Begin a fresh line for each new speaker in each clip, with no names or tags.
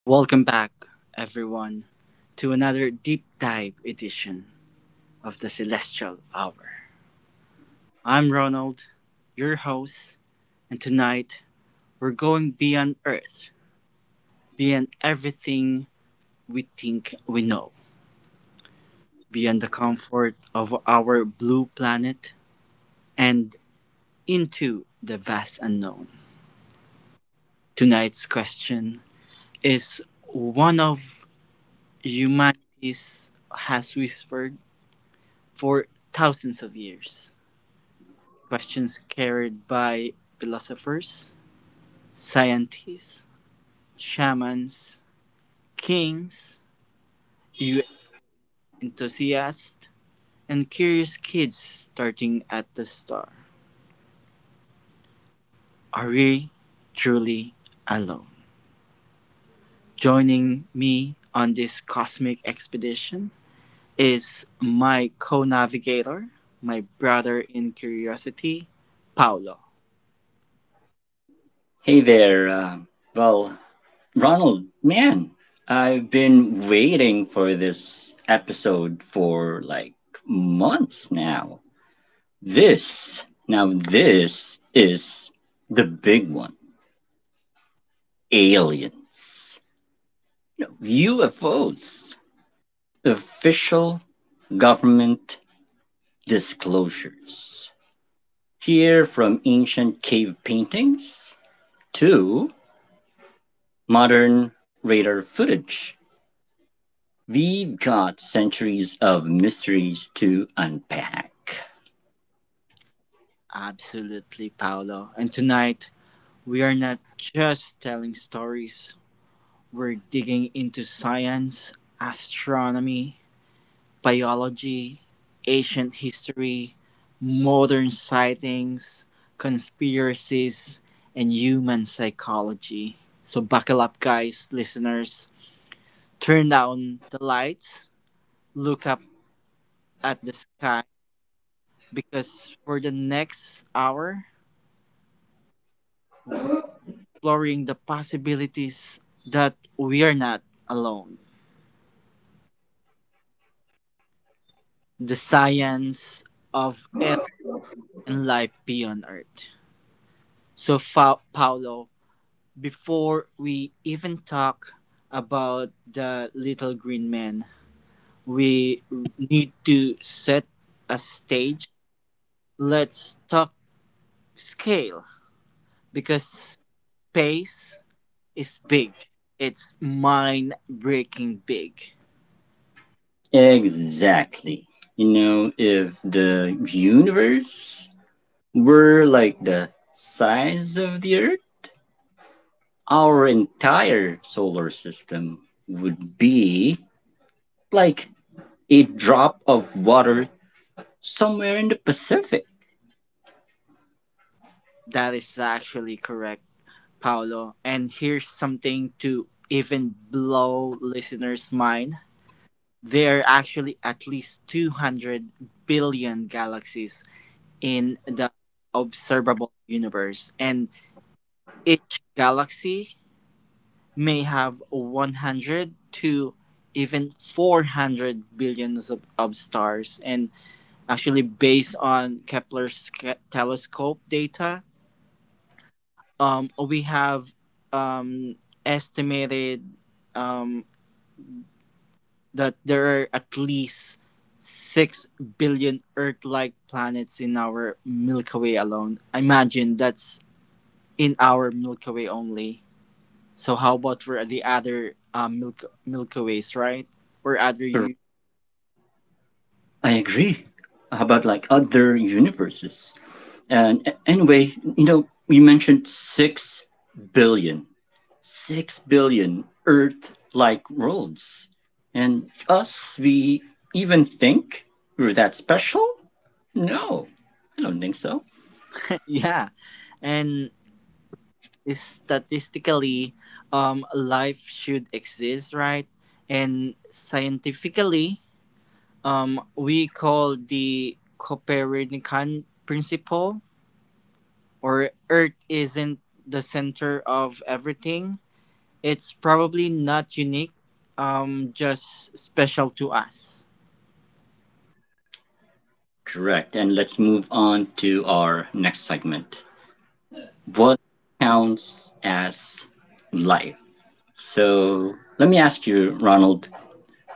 Welcome back, everyone, to another deep dive edition of the Celestial Hour. I'm Ronald, your host, and tonight we're going beyond Earth, beyond everything we think we know, beyond the comfort of our blue planet, and into the vast unknown. Tonight's question is one of humanity's has whispered for thousands of years questions carried by philosophers, scientists, shamans, kings, youth enthusiasts, and curious kids starting at the star. Are we truly alone? Joining me on this cosmic expedition is my co navigator, my brother in curiosity, Paolo.
Hey there. Well, Ronald, man, I've been waiting for this episode for like months now. This, this is the big one: aliens, no, UFOs, official government disclosures. Here, from ancient cave paintings to modern radar footage, we've got centuries of mysteries to unpack.
Absolutely, Paolo. And tonight, we are not just telling stories, we're digging into science, astronomy, biology, ancient history, modern sightings, conspiracies, and human psychology. So buckle up, guys, listeners. Turn down the lights, look up at the sky, because for the next hour, we're exploring the possibilities that we are not alone. The science of alien and life beyond Earth. So, Paolo, before we even talk about the little green man, we need to set a stage. Let's talk scale because space is big. It's mind breaking big.
Exactly. You know, if the universe were like the size of the Earth, our entire solar system would be like a drop of water somewhere in the Pacific.
That is actually correct, Paolo. And here's something to even blow listeners' mind. There are actually at least 200 billion galaxies in the observable universe, and each galaxy may have 100 to even 400 billions of stars. And actually, based on Kepler's telescope data, we have um, estimated um, that there are at least 6 billion Earth like planets in our Milky Way alone. Imagine, that's in our Milky Way only. So, how about for the other Milky Ways, right? Or other you?
I agree. How about like other universes? And anyway, you know, you mentioned billion. six billion Earth-like worlds, and us, we even think we're that special? No, I don't think so.
Yeah. And statistically, life should exist, right? And scientifically, we call the Copernican principle, or Earth isn't the center of everything, it's probably not unique, just special to us.
Correct. And let's move on to our next segment. What counts as life? So let me ask you, Ronald,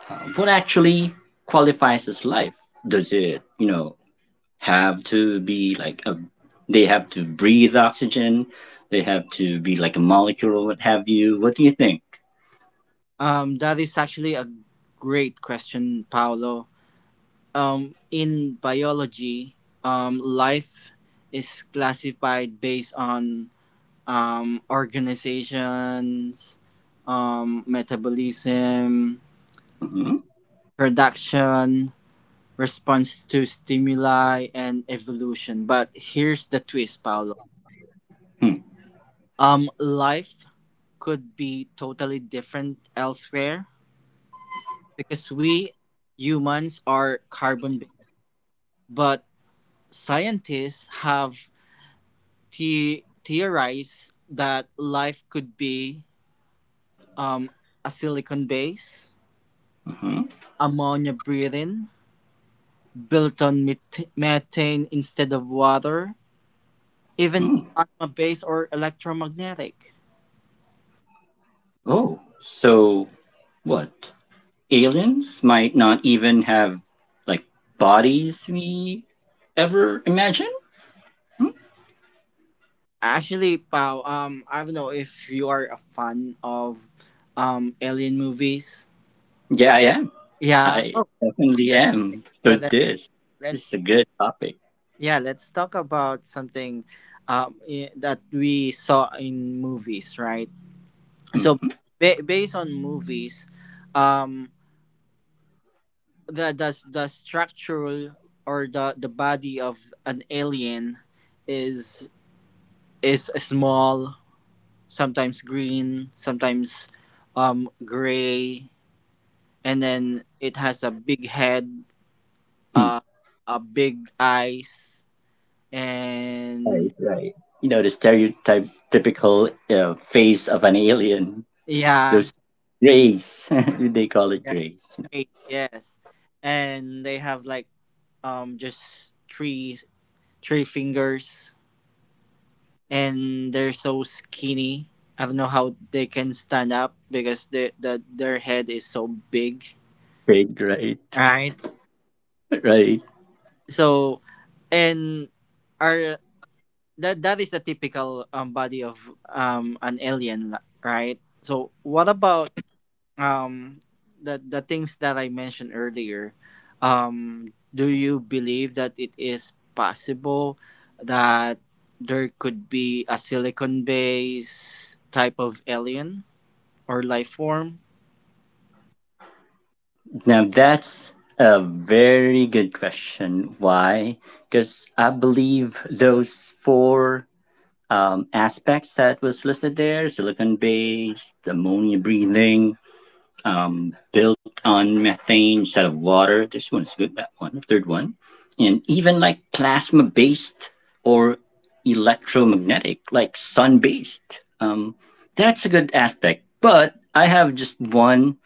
what actually qualifies as life? Does it, you know, have to be like a, they have to breathe oxygen, they have to be like a molecule, or what have you? What do you think?
That is actually a great question, Paolo. In biology, life is classified based on organizations, metabolism,
Hmm.
production, response to stimuli and evolution. But here's the twist, Paolo.
Hmm.
Life could be totally different elsewhere because we humans are carbon based, but scientists have theorized that life could be um, a silicon base,
Hmm.
ammonia breathing, built on methane instead of water, even
Hmm.
plasma based or electromagnetic.
Oh, so what, aliens might not even have like bodies we ever imagine, hmm?
Actually, Pao, I don't know if you are a fan of alien movies.
Yeah, I am.
Yeah.
I
Oh.
definitely
That's
am.
great.
So
So let
this is
let's
a good topic.
yeah, let's talk about something that we saw in movies, right? So
Mm-hmm.
based on movies, um, the structural or the body of an alien is is small, sometimes green, sometimes gray, and then it has a big head,
Hmm.
uh, a big eyes, and
Right, right, you know, the stereotype typical face of an alien.
yeah,
Those grays they call it
yeah,
grays.
great, yes, and they have like just three fingers, and they're so skinny. I don't know how they can stand up because their head is so big,
Trade, right,
right?
right.
So, and our, that that is the typical body of an alien, right? So what about um, the things that I mentioned earlier? Do you believe that it is possible that there could be a silicon based type of alien or life form?
Now that's a very good question. Why? Because I believe those four aspects that was listed there: silicon based, ammonia breathing, built on methane instead of water. This one is good, that one, third one. And even like plasma based or electromagnetic, like sun based. That's a good aspect. But I have just one,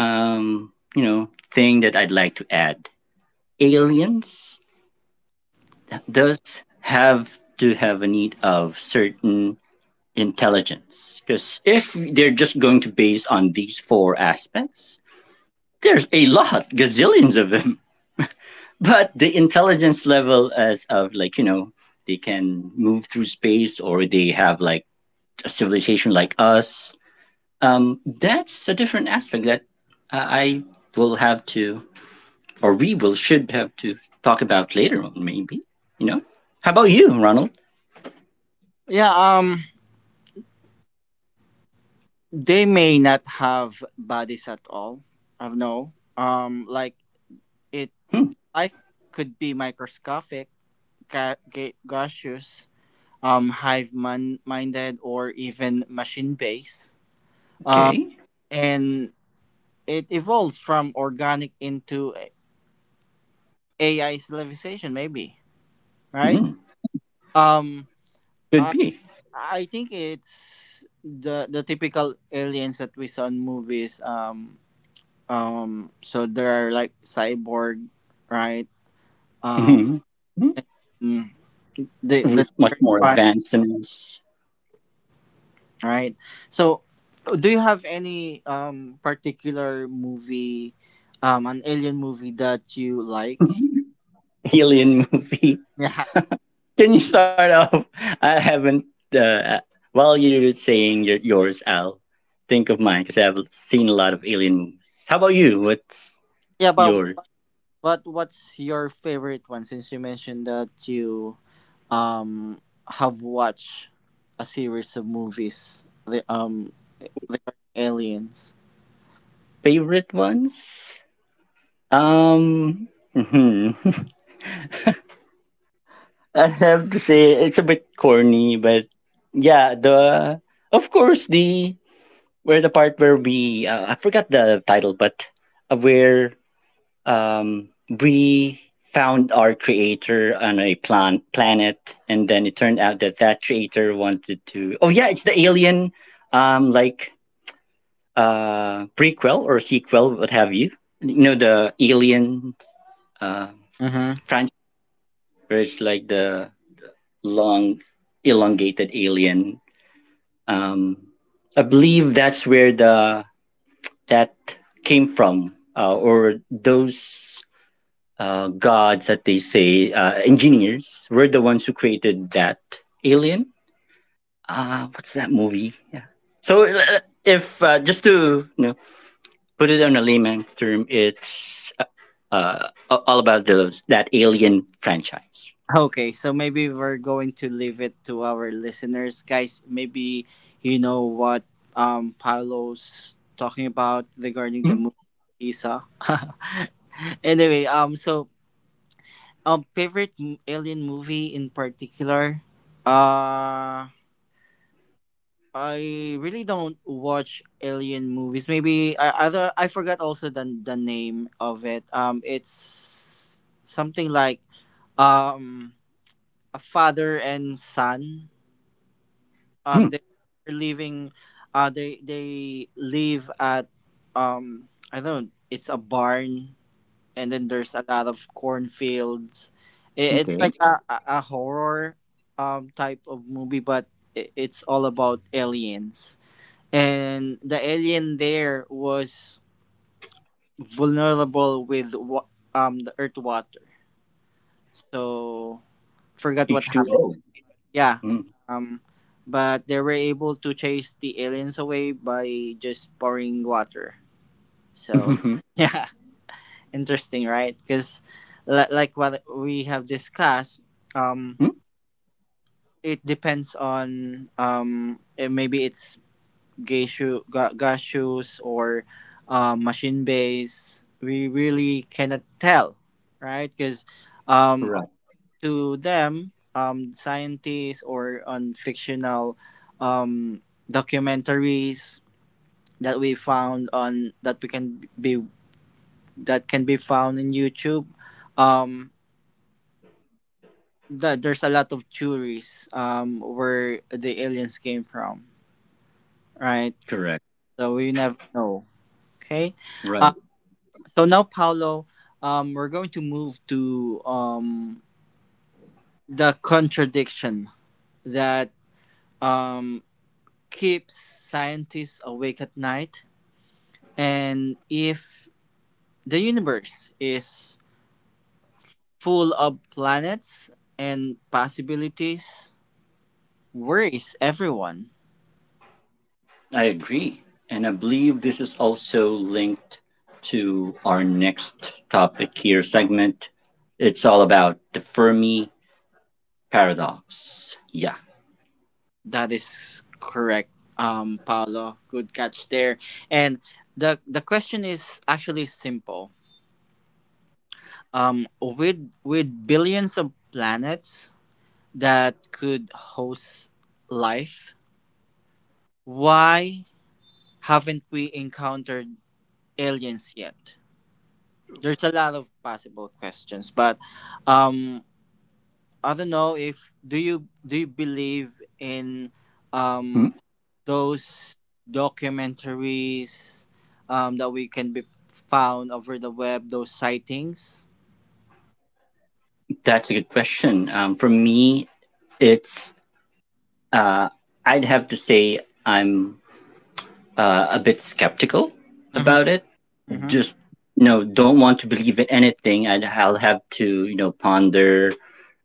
thing that I'd like to add. Aliens does have to have a need of certain intelligence, because if they're just going to base on these four aspects, there's a lot, gazillions of them. But the intelligence level, as of like, they can move through space, or they have like a civilization like us. That's a different aspect that I will have to, or we will should have to talk about later on, maybe. You know, how about you, Ronald?
Yeah, they may not have bodies at all. I don't know. Like it,
Hmm,
life could be microscopic, gaseous, hive-minded, or even machine-based. Uh,
okay.
and it evolves from organic into AI civilization, maybe, right?
Hmm,
Um,
could
I,
be.
I think it's the typical aliens that we saw in movies. So they're like cyborg, right? Um,
Hmm. Hmm.
and the
Who's much more
ones.
advanced than us.
All right. So, do you have any particular movie, an alien movie that you like?
Alien movie.
Yeah,
Can you start off? I haven't. Uh, while you're saying yours, I'll think of mine because I've seen a lot of alien movies. How about you? What's
yeah, but
your
what's your favorite one? Since you mentioned that you um have watched a series of movies, the the aliens.
favorite ones? Um, mhm. I have to say it's a bit corny, but yeah, the, of course, the where the part where we, I forgot the title, but where, we found our creator on a planet, and then it turned out that that creator wanted to. Oh yeah, it's the Alien, like prequel or sequel, what have you? You know the Alien uh,
Mm-hmm.
franchise, where it's like the long, elongated alien. Um, I believe that's where the that came from, or those gods that they say engineers were the ones who created that alien. What's that movie? Yeah. So if just to, put it on a layman's term, it's uh, all about those that alien franchise.
Okay, so maybe we're going to leave it to our listeners, guys. Maybe you know what Paolo's talking about regarding the movie he saw. Anyway, favorite alien movie in particular. Uh, I really don't watch alien movies. Maybe I other, I forgot also the name of it. It's something like um a father and son,
Mm-hmm.
they're leaving, they live at, I don't know, it's a barn, and then there's a lot of cornfields. It's
Okay.
like a horror type of movie, but I it's all about aliens, and the alien there was vulnerable with the earth water, so forgot what
H two
happened.
O.
Yeah.
Mm.
Um, but they were able to chase the aliens away by just pouring water. So, yeah, interesting, right? Because, like what we have discussed, um,
Mm.
it depends on, maybe it's geishu, gashus, or machine base. We really cannot tell, right? Because um.
Correct.
to them, scientists, or on fictional um, documentaries that we found on that we can be that can be found in YouTube. Um, that there's a lot of theories where the aliens came from, right?
Correct.
So we never know. Okay, uh,
Right.
so now Paolo, we're going to move to, the contradiction that um keeps scientists awake at night. And if the universe is full of planets and possibilities, where is everyone?
I agree. And I believe this is also linked to our next topic here segment. It's all about the Fermi paradox. Yeah.
That is correct, Paolo. Good catch there. And the question is actually simple. With billions of planets that could host life, why haven't we encountered aliens yet? There's a lot of possible questions, but um I don't know if do you believe in
Mm,
um those documentaries that we can be found over the web, those sightings.
that's a good question. For me, it's, uh, I'd have to say I'm a bit skeptical about
Mm-hmm,
it.
mm-hmm.
Just, don't want to believe in anything, and I'll have to, ponder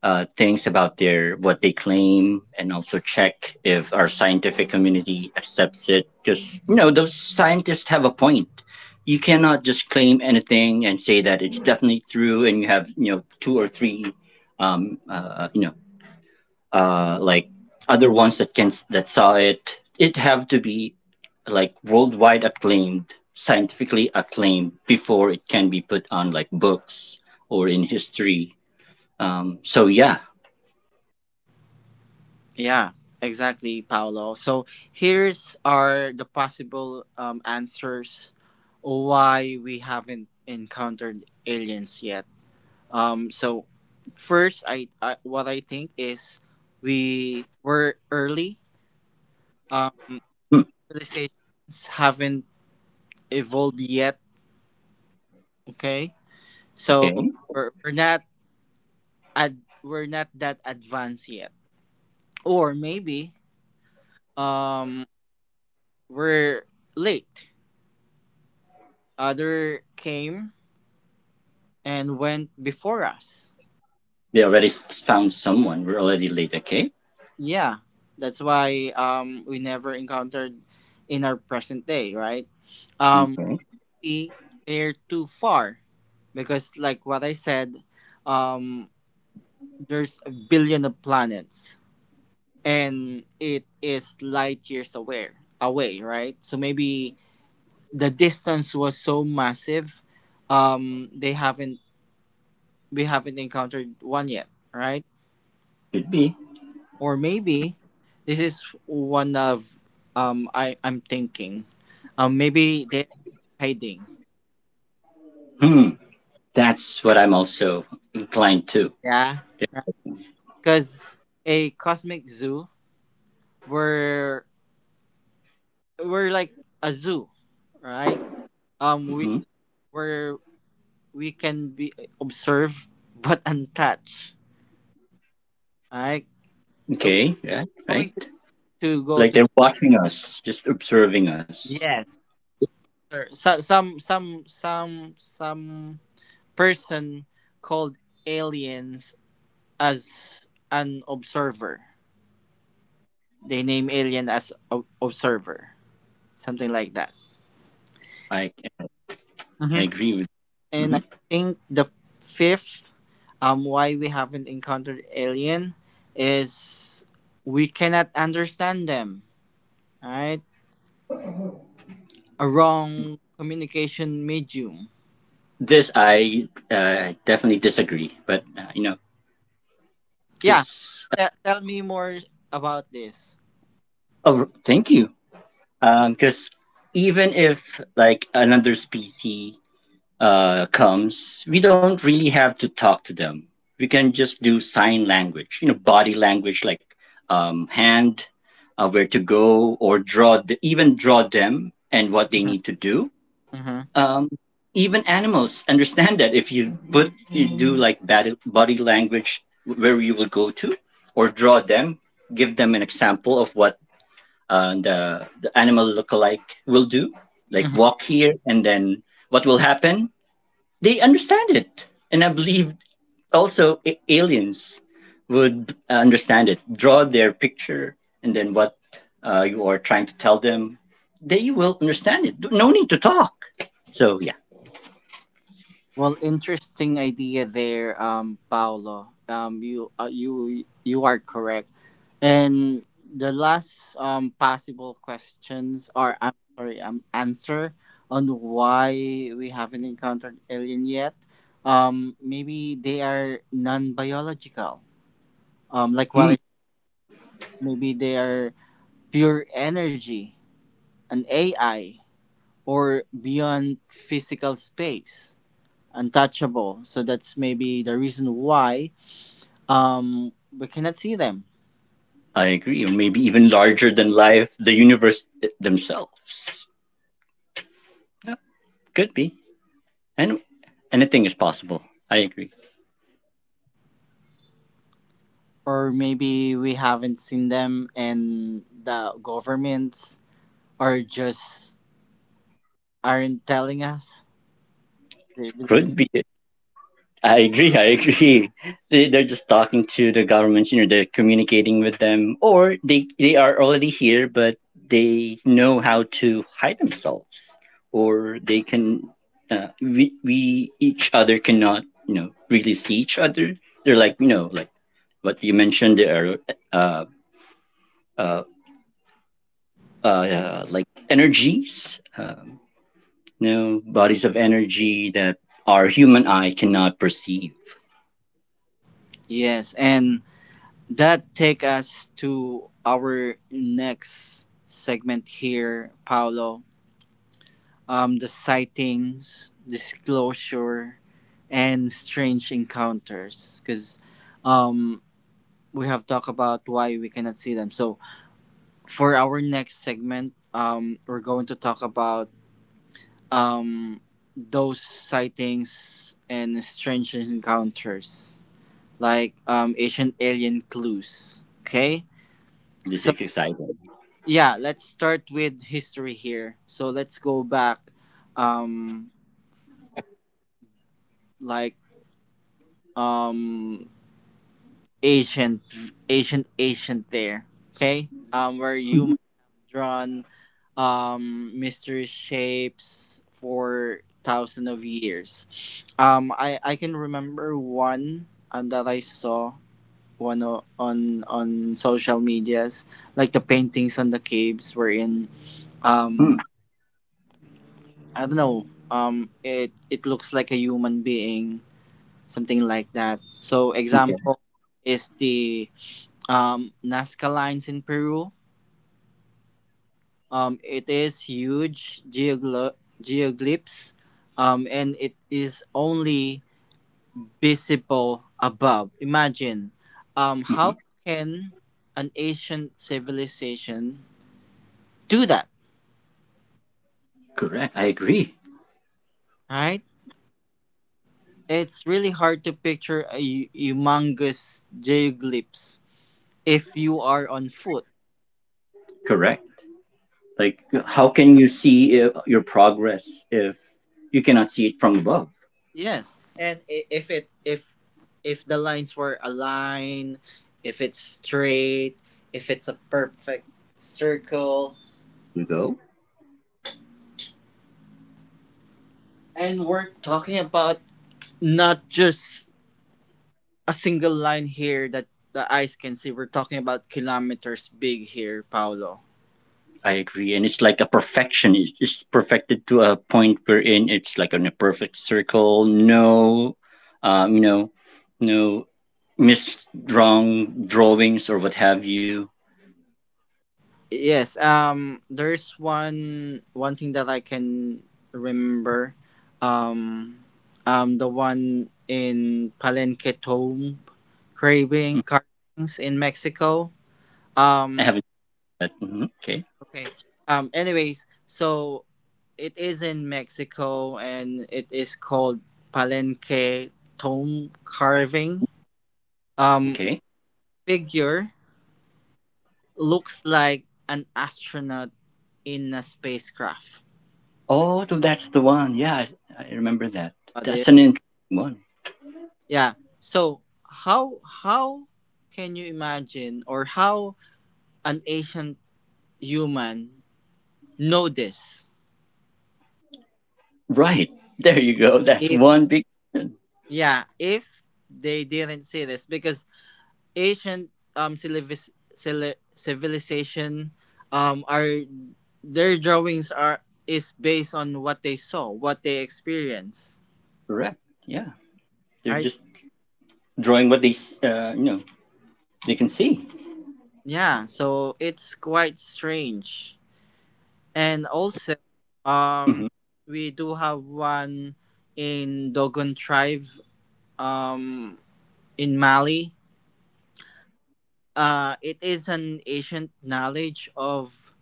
things about their what they claim, and also check if our scientific community accepts it, because those scientists have a point. You cannot just claim anything and say that it's definitely true, and you have, two or three um, uh, you know like other ones that can that saw it, it have to be like worldwide acclaimed, scientifically acclaimed, before it can be put on like books or in history. So yeah.
Yeah, exactly, Paolo. So here's are the possible answers why we haven't encountered aliens yet. So first, I what I think is we were early. Um,
Hmm,
civilizations haven't evolved yet. Okay, so
okay.
we're not ad, we're not that advanced yet, or maybe um we're late. Other came and went before us.
They already found someone. We're already late. Okay.
Yeah, that's why we never encountered in our present day, right? Um,
Okay,
maybe they're too far because like what I said, um, there's a billion of planets, and it is light years away, right? So maybe the distance was so massive, they haven't, we haven't encountered one yet, right?
could be.
Or maybe this is one of I'm thinking, maybe they're hiding,
Hmm, that's what I'm also inclined to.
yeah, because a cosmic zoo, where we're like a zoo, right? We
Hmm.
where we can be observe but untouched, right? Uh,
Okay, yeah, right,
going to go
like
to
they're watching us, just observing us.
yes, sir. So, some person called aliens as an observer. They name alien as observer, something like that.
I i
Hmm.
agree with.
And
Mhm.
I think the fifth why we haven't encountered alien is we cannot understand them. All right, a wrong communication medium.
This I definitely disagree, but
Yeah,
because
tell me more about this.
oh, thank you. Because even if like another species comes, we don't really have to talk to them. We can just do sign language, you know, body language, like hand, where to go, or draw, even draw them and what they
Mhm,
need to do.
mhm,
um, even animals understand that, if you do like bad body language where you will go to, or draw them, give them an example of what the animal lookalike will do, like
mhm.
walk here, and then what will happen, they understand it. And I believe also aliens would understand it. Draw their picture and then what you are trying to tell them, they will understand it. No need to talk, so yeah.
Well, interesting idea there, Paolo. You you you are correct. And the last possible questions, or I'm sorry, answer on why we haven't encountered alien yet. Maybe they are non biological. Like
Hmm.
what I, maybe they are pure energy, an AI or beyond physical space, untouchable. So that's maybe the reason why we cannot see them.
I agree, or maybe even larger than life, the universe themselves. Yeah, could be. And anything is possible. I agree.
Or maybe we haven't seen them and the governments are just aren't telling us they believe it.
Could be. I agree. I agree. They're just talking to the government. You know, they're communicating with them, or they are already here, but they know how to hide themselves. Or they can. We each other cannot, really see each other. They're like, like what you mentioned. They are uh, uh, like energies, bodies of energy that our human eye cannot perceive.
Yes, and that take us to our next segment here, Paolo. The sightings disclosure and strange encounters, because um we have talked about why we cannot see them. So for our next segment, we're going to talk about, um, those sightings and strange encounters, like, ancient alien clues. Okay,
This
so
is exciting.
yeah, let's start with history here. So let's go back, um, like um, ancient, ancient there. Okay, where humans
Mhm.
have drawn mystery shapes for thousands of years. I can remember one that I saw one on social medias, like the paintings on the caves were in.
Mm.
Um, I don't know. It it looks like a human being, something like that. So
Okay.
example is the Nazca lines in Peru. It is huge geoglyphs, and it is only visible above. Imagine, how
Mhm.
can an ancient civilization do that?
Correct. I agree.
Right? It's really hard to picture a humongous geoglyphs if you are on foot.
Correct. Like, how can you see, if your progress, if you cannot see it from above?
Yes, and if it, if the lines were aligned, if it's straight, if it's a perfect circle,
You go.
and we're talking about not just a single line here that the eyes can see. We're talking about kilometers big here, Paolo.
I agree, and it's like a perfection. It's perfected to a point wherein it's like in a perfect circle. No, um, you know, no misdrawn drawings or what have you.
Yes, there's one thing that I can remember. Um the one in Palenque tomb
Mm.
craving carvings in Mexico.
I
Um
haven't, but mhm, okay,
okay. Anyways, so it is in Mexico and it is called Palenque Tomb Carving. Um,
okay.
figure looks like an astronaut in a spacecraft.
Oh, so that's the one. Yeah, I remember that.
Got
That's
it?
an interesting one.
Yeah. So how can you imagine, or how an ancient human know this?
Right, there, you go. That's
If
one big question.
yeah, if they didn't see this because ancient civilization are their drawings are is based on what they saw, what they experienced.
Correct. Yeah, they're
Right?
just drawing what they, they can see.
Yeah, so it's quite strange. And also
Hmm.
um we do have one in Dogon tribe um in Mali. It is an ancient knowledge of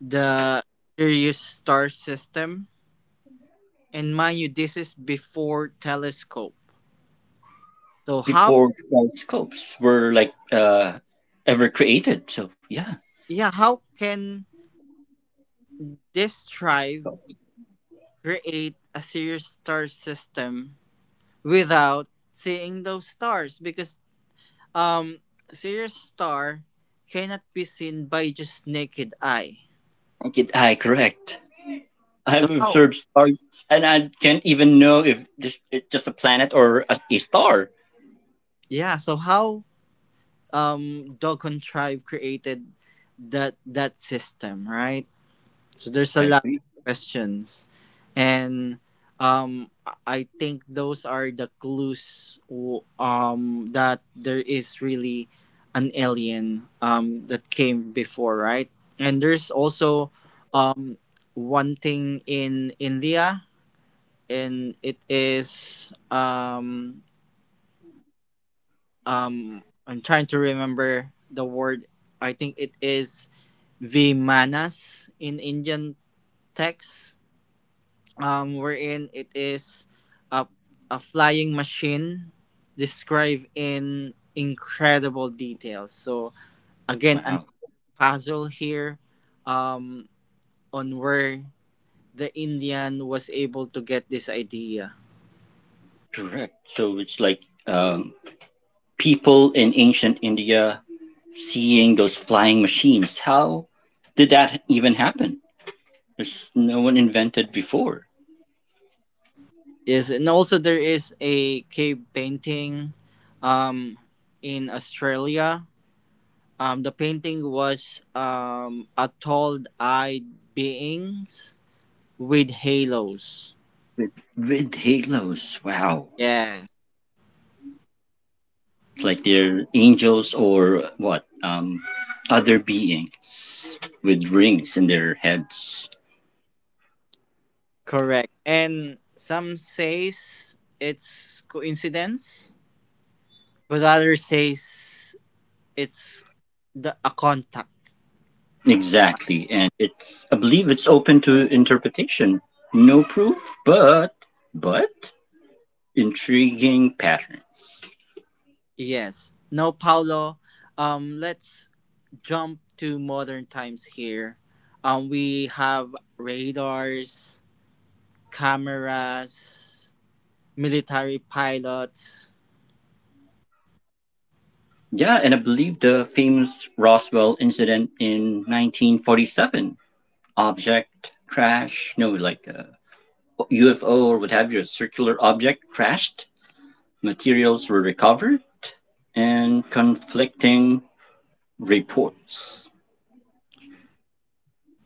the Sirius star system, and mind you, this is before telescope, so how
Before scopes were like ever created. So yeah,
yeah how can this tribe create a serious star system without seeing those stars? Because um Sirius star cannot be seen by just naked eye,
I correct.
so
I've
how
observed stars, and I can't even know if this it's just a planet or a star.
yeah so how Dogon tribe created that system, right? So there's a
I
lot of
agree.
questions, and I think those are the clues, that there is really an alien that came before, right? And there's also um, one thing in India, and it is I'm trying to remember the word. I think it is Vimanas in Indian text, wherein it is a, a flying machine described in incredible details. So again, a
Wow,
puzzle here um, on where the Indian was able to get this idea.
correct. So it's like um, people in ancient India seeing those flying machines. How did that even happen? There's no one invented before.
Yes, and also there is a cave painting um, in Australia. The painting was a tall-eyed beings with halos.
With, with halos. Wow,
Yeah.
it's like they're angels or what? Other beings with rings in their heads.
Correct. And some says it's coincidence, but others says it's the a contact.
Exactly, and it's I believe it's open to interpretation. No proof, but but intriguing patterns.
Yes. No, Paulo. Let's jump to modern times here. We have radars, cameras, military pilots.
Yeah, and I believe the famous Roswell incident in 1947, object crash, no, like a UFO or what have you, a circular object crashed, materials were recovered, and conflicting reports.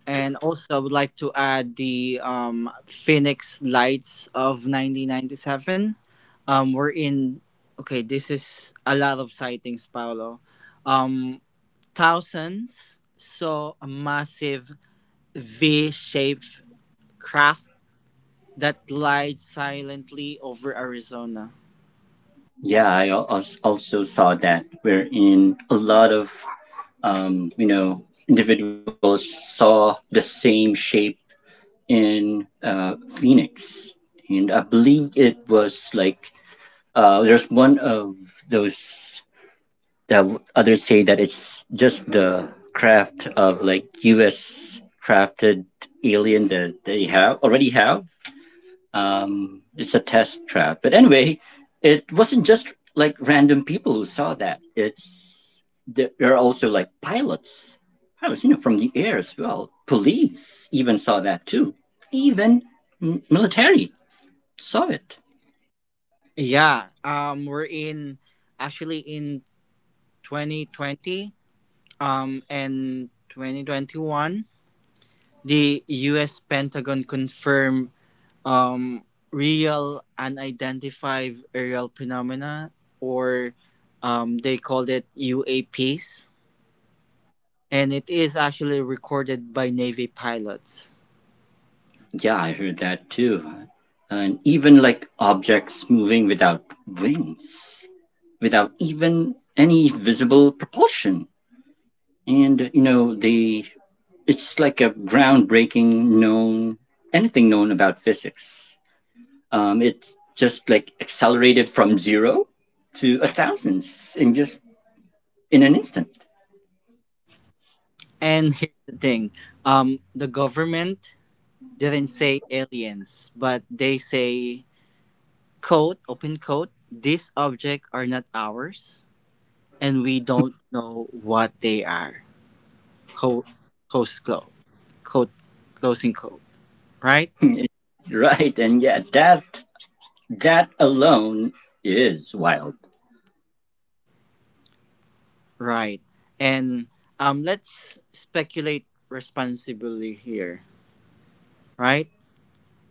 And also, I would like to add the Phoenix Lights of 1997. We're in, okay, this is a lot of sightings, Paolo. Um, Thousands saw a massive V shaped craft that glides silently over Arizona.
Yeah, I also saw that, wherein a lot of, um, you know, individuals saw the same shape in Phoenix. And I believe it was like there's one of those that others say that it's just the craft of like U.S. crafted alien that they have already have. It's a test trap. But anyway, it wasn't just like random people who saw that. It's, there are also like pilots, pilots, you know, from the air as well. Police even saw that too. Even military saw it.
Yeah, we're in, actually in 2020 and 2021. The U.S. Pentagon confirmed um, real unidentified aerial phenomena, or they called it UAPs, and it is actually recorded by Navy pilots.
Yeah, I heard that too. And even like objects moving without wings, without even any visible propulsion. And you know, they it's like a groundbreaking known anything known about physics. It's just like accelerated from zero to a thousands, in an instant.
And here's the thing: the government didn't say aliens, but they say quote open quote these objects are not ours, and we don't know what they are. Quote close close. Quote closing quote Right
Right, and yeah, that alone is wild.
right. And let's speculate responsibly here, right?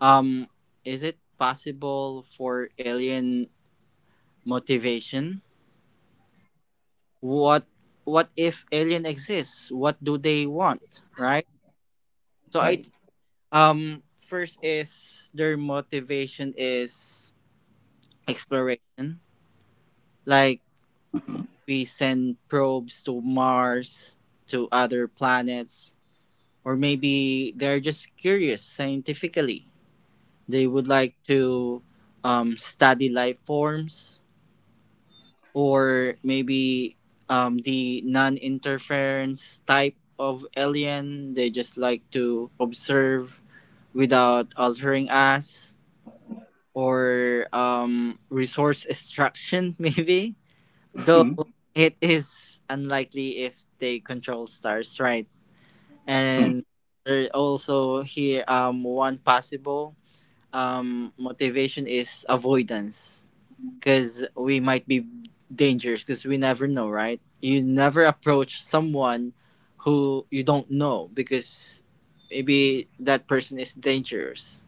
um is it possible for alien motivation? What what if alien exists, what do they want, right? So I
Right.
think first is their motivation is exploration. Like
Mhm.
we send probes to Mars, to other planets, or maybe they're just curious scientifically. They would like to study life forms, or maybe the non interference type of alien. They just like to observe without altering us, or resource extraction, maybe.
Mhm.
Though it is unlikely if they control stars, right?
Mhm.
And there also here one possible motivation is avoidance, because we might be dangerous, because we never know, right? You never approach someone who you don't know because maybe that person is dangerous.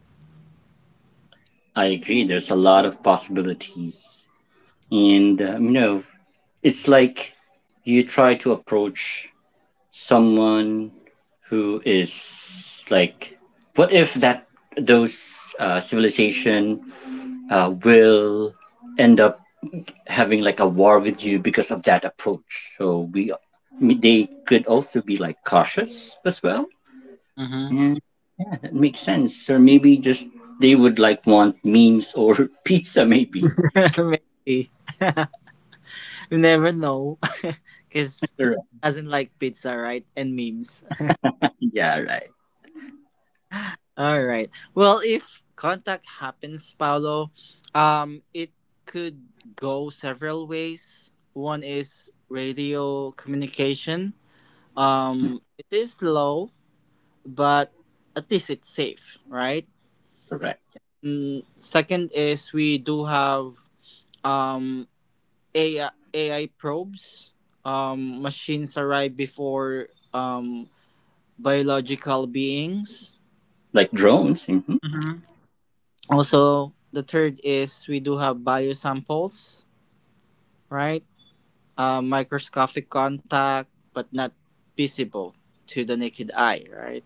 I agree. There's a lot of possibilities, and it's like you try to approach someone who is like, what if that those civilization will end up having like a war with you because of that approach, so we they could also be like cautious as well.
Mm-hmm.
And yeah, that makes sense. Or maybe just they would like, want memes, or pizza maybe
Maybe. You never know. Because who
Right.
doesn't like pizza, right? And memes.
Yeah, right,
All right. Well, if contact happens, Paolo, it could go several ways. One is radio communication. It is low, but at least it's safe, right?
right,
Mm, second is we do have um AI, AI probes. Machines arrive before um biological beings.
like drones. Hmm.
Also, the third is we do have biosamples, right? Microscopic contact, but not visible to the naked eye, right?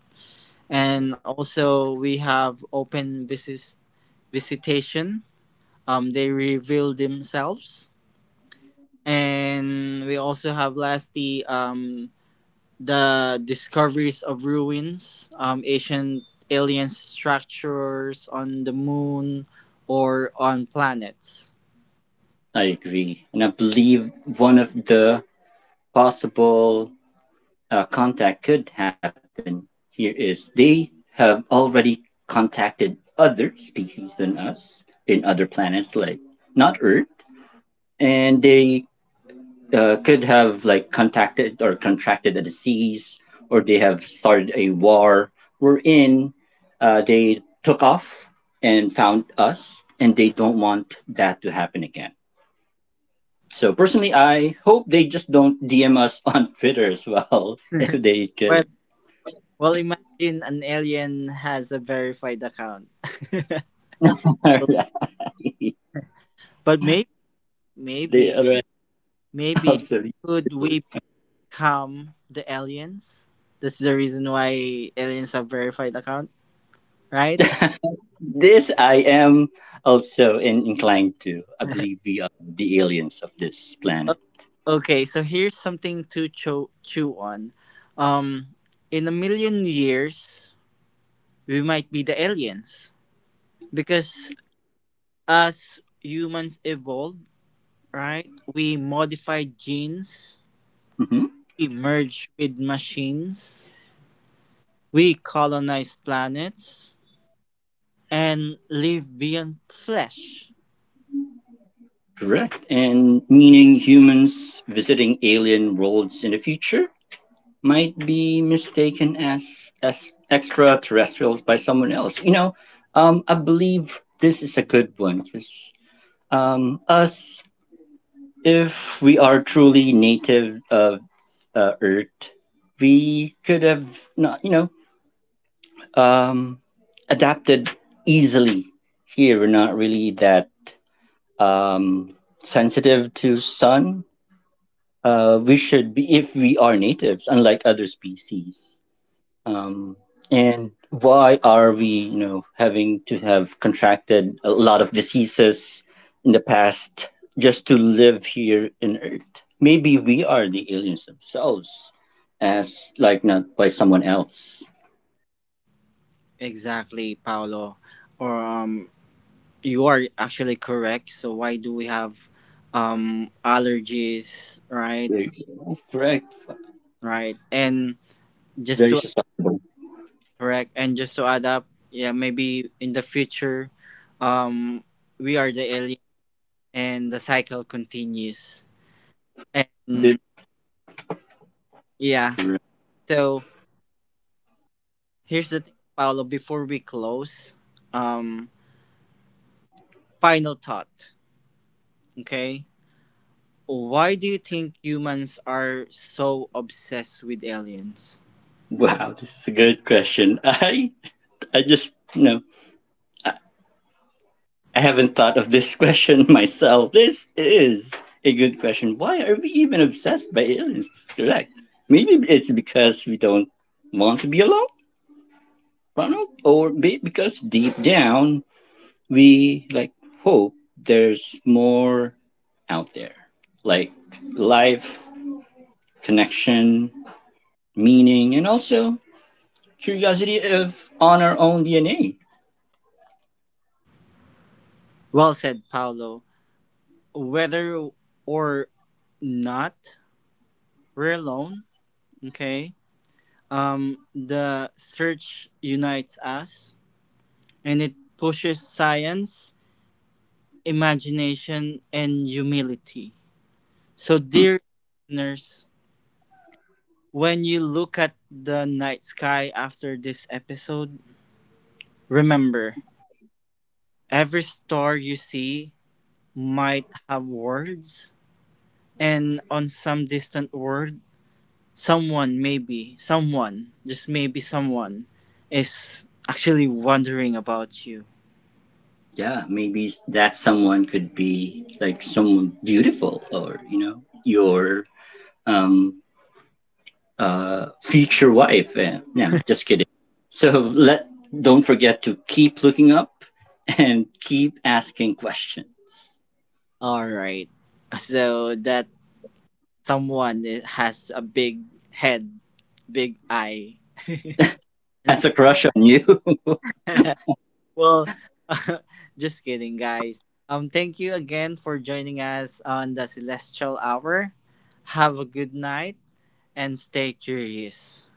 And also, we have visitation. They reveal themselves. And we also have lastly, the discoveries of ruins, ancient alien structures on the moon or on planets.
I agree, and I believe one of the possible a contact could happen here is, they have already contacted other species than us in other planets, like not Earth, and they could have like contacted or contracted a disease, or they have started a war. We in. They took off and found us, and they don't want that to happen again. So personally, I hope they just don't DM us on Twitter as well if they
Well,
could.
well, imagine an alien has a verified account.
All right.
But
The
maybe,
other end.
maybe
Absolutely.
could
True.
we become the aliens? That's the reason why aliens have verified account, right?
This I am also inclined to. I believe we are the aliens of this planet.
O- okay, so here's something to chew on. Um, in 1 million years, we might be the aliens because as humans evolve, right? We modified genes.
Mhm.
We merge with machines. We colonize planets and live beyond flesh.
Correct. And meaning humans visiting alien worlds in the future might be mistaken as extraterrestrials by someone else. You know, I believe this is a good one because us, if we are truly native of Earth, we could have not, um, adapted easily here. We're not really that um, sensitive to sun. We should be, if we are natives, unlike other species. Um, and why are we, having to have contracted a lot of diseases in the past, just to live here in Earth? Maybe we are the aliens themselves, as like not by someone else.
Exactly, Paolo. Or you are actually correct. So why do we have allergies, right?
Very- Correct.
Right. And just
Very
to
susceptible.
just to add up, yeah, maybe in the future, um, we are the alien and the cycle continues.
This,
And yeah, so here's the thing, Paolo, before we close. Um, Final thought, okay? Why do you think humans are so obsessed with aliens?
wow, this is a good question. I just, I, I haven't thought of this question myself. This is a good question. Why are we even obsessed by aliens? Correct. Maybe it's because we don't want to be alone, Ronald, because deep down we like hope there's more out there, like life, connection, meaning, and also curiosity of on our own DNA.
Well said, Paolo. Whether or not we're alone, okay? The search unites us and it pushes science, imagination, and humility. So,
Hmm.
dear listeners, when you look at the night sky after this episode, remember every star you see might have words, and on some distant world, someone, maybe, someone, just maybe someone, is actually wondering about you.
Yeah, maybe that someone could be like someone beautiful, or your um future wife. No, just kidding. So let Don't forget to keep looking up and keep asking questions.
All right. So that someone has a big head, big eye,
That's
and
a crush on you.
well, just kidding, guys. Thank you again for joining us on the Celestial Hour. Have a good night and stay curious.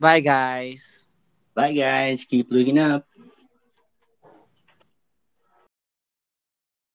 Bye, guys.
Bye guys, keep looking up.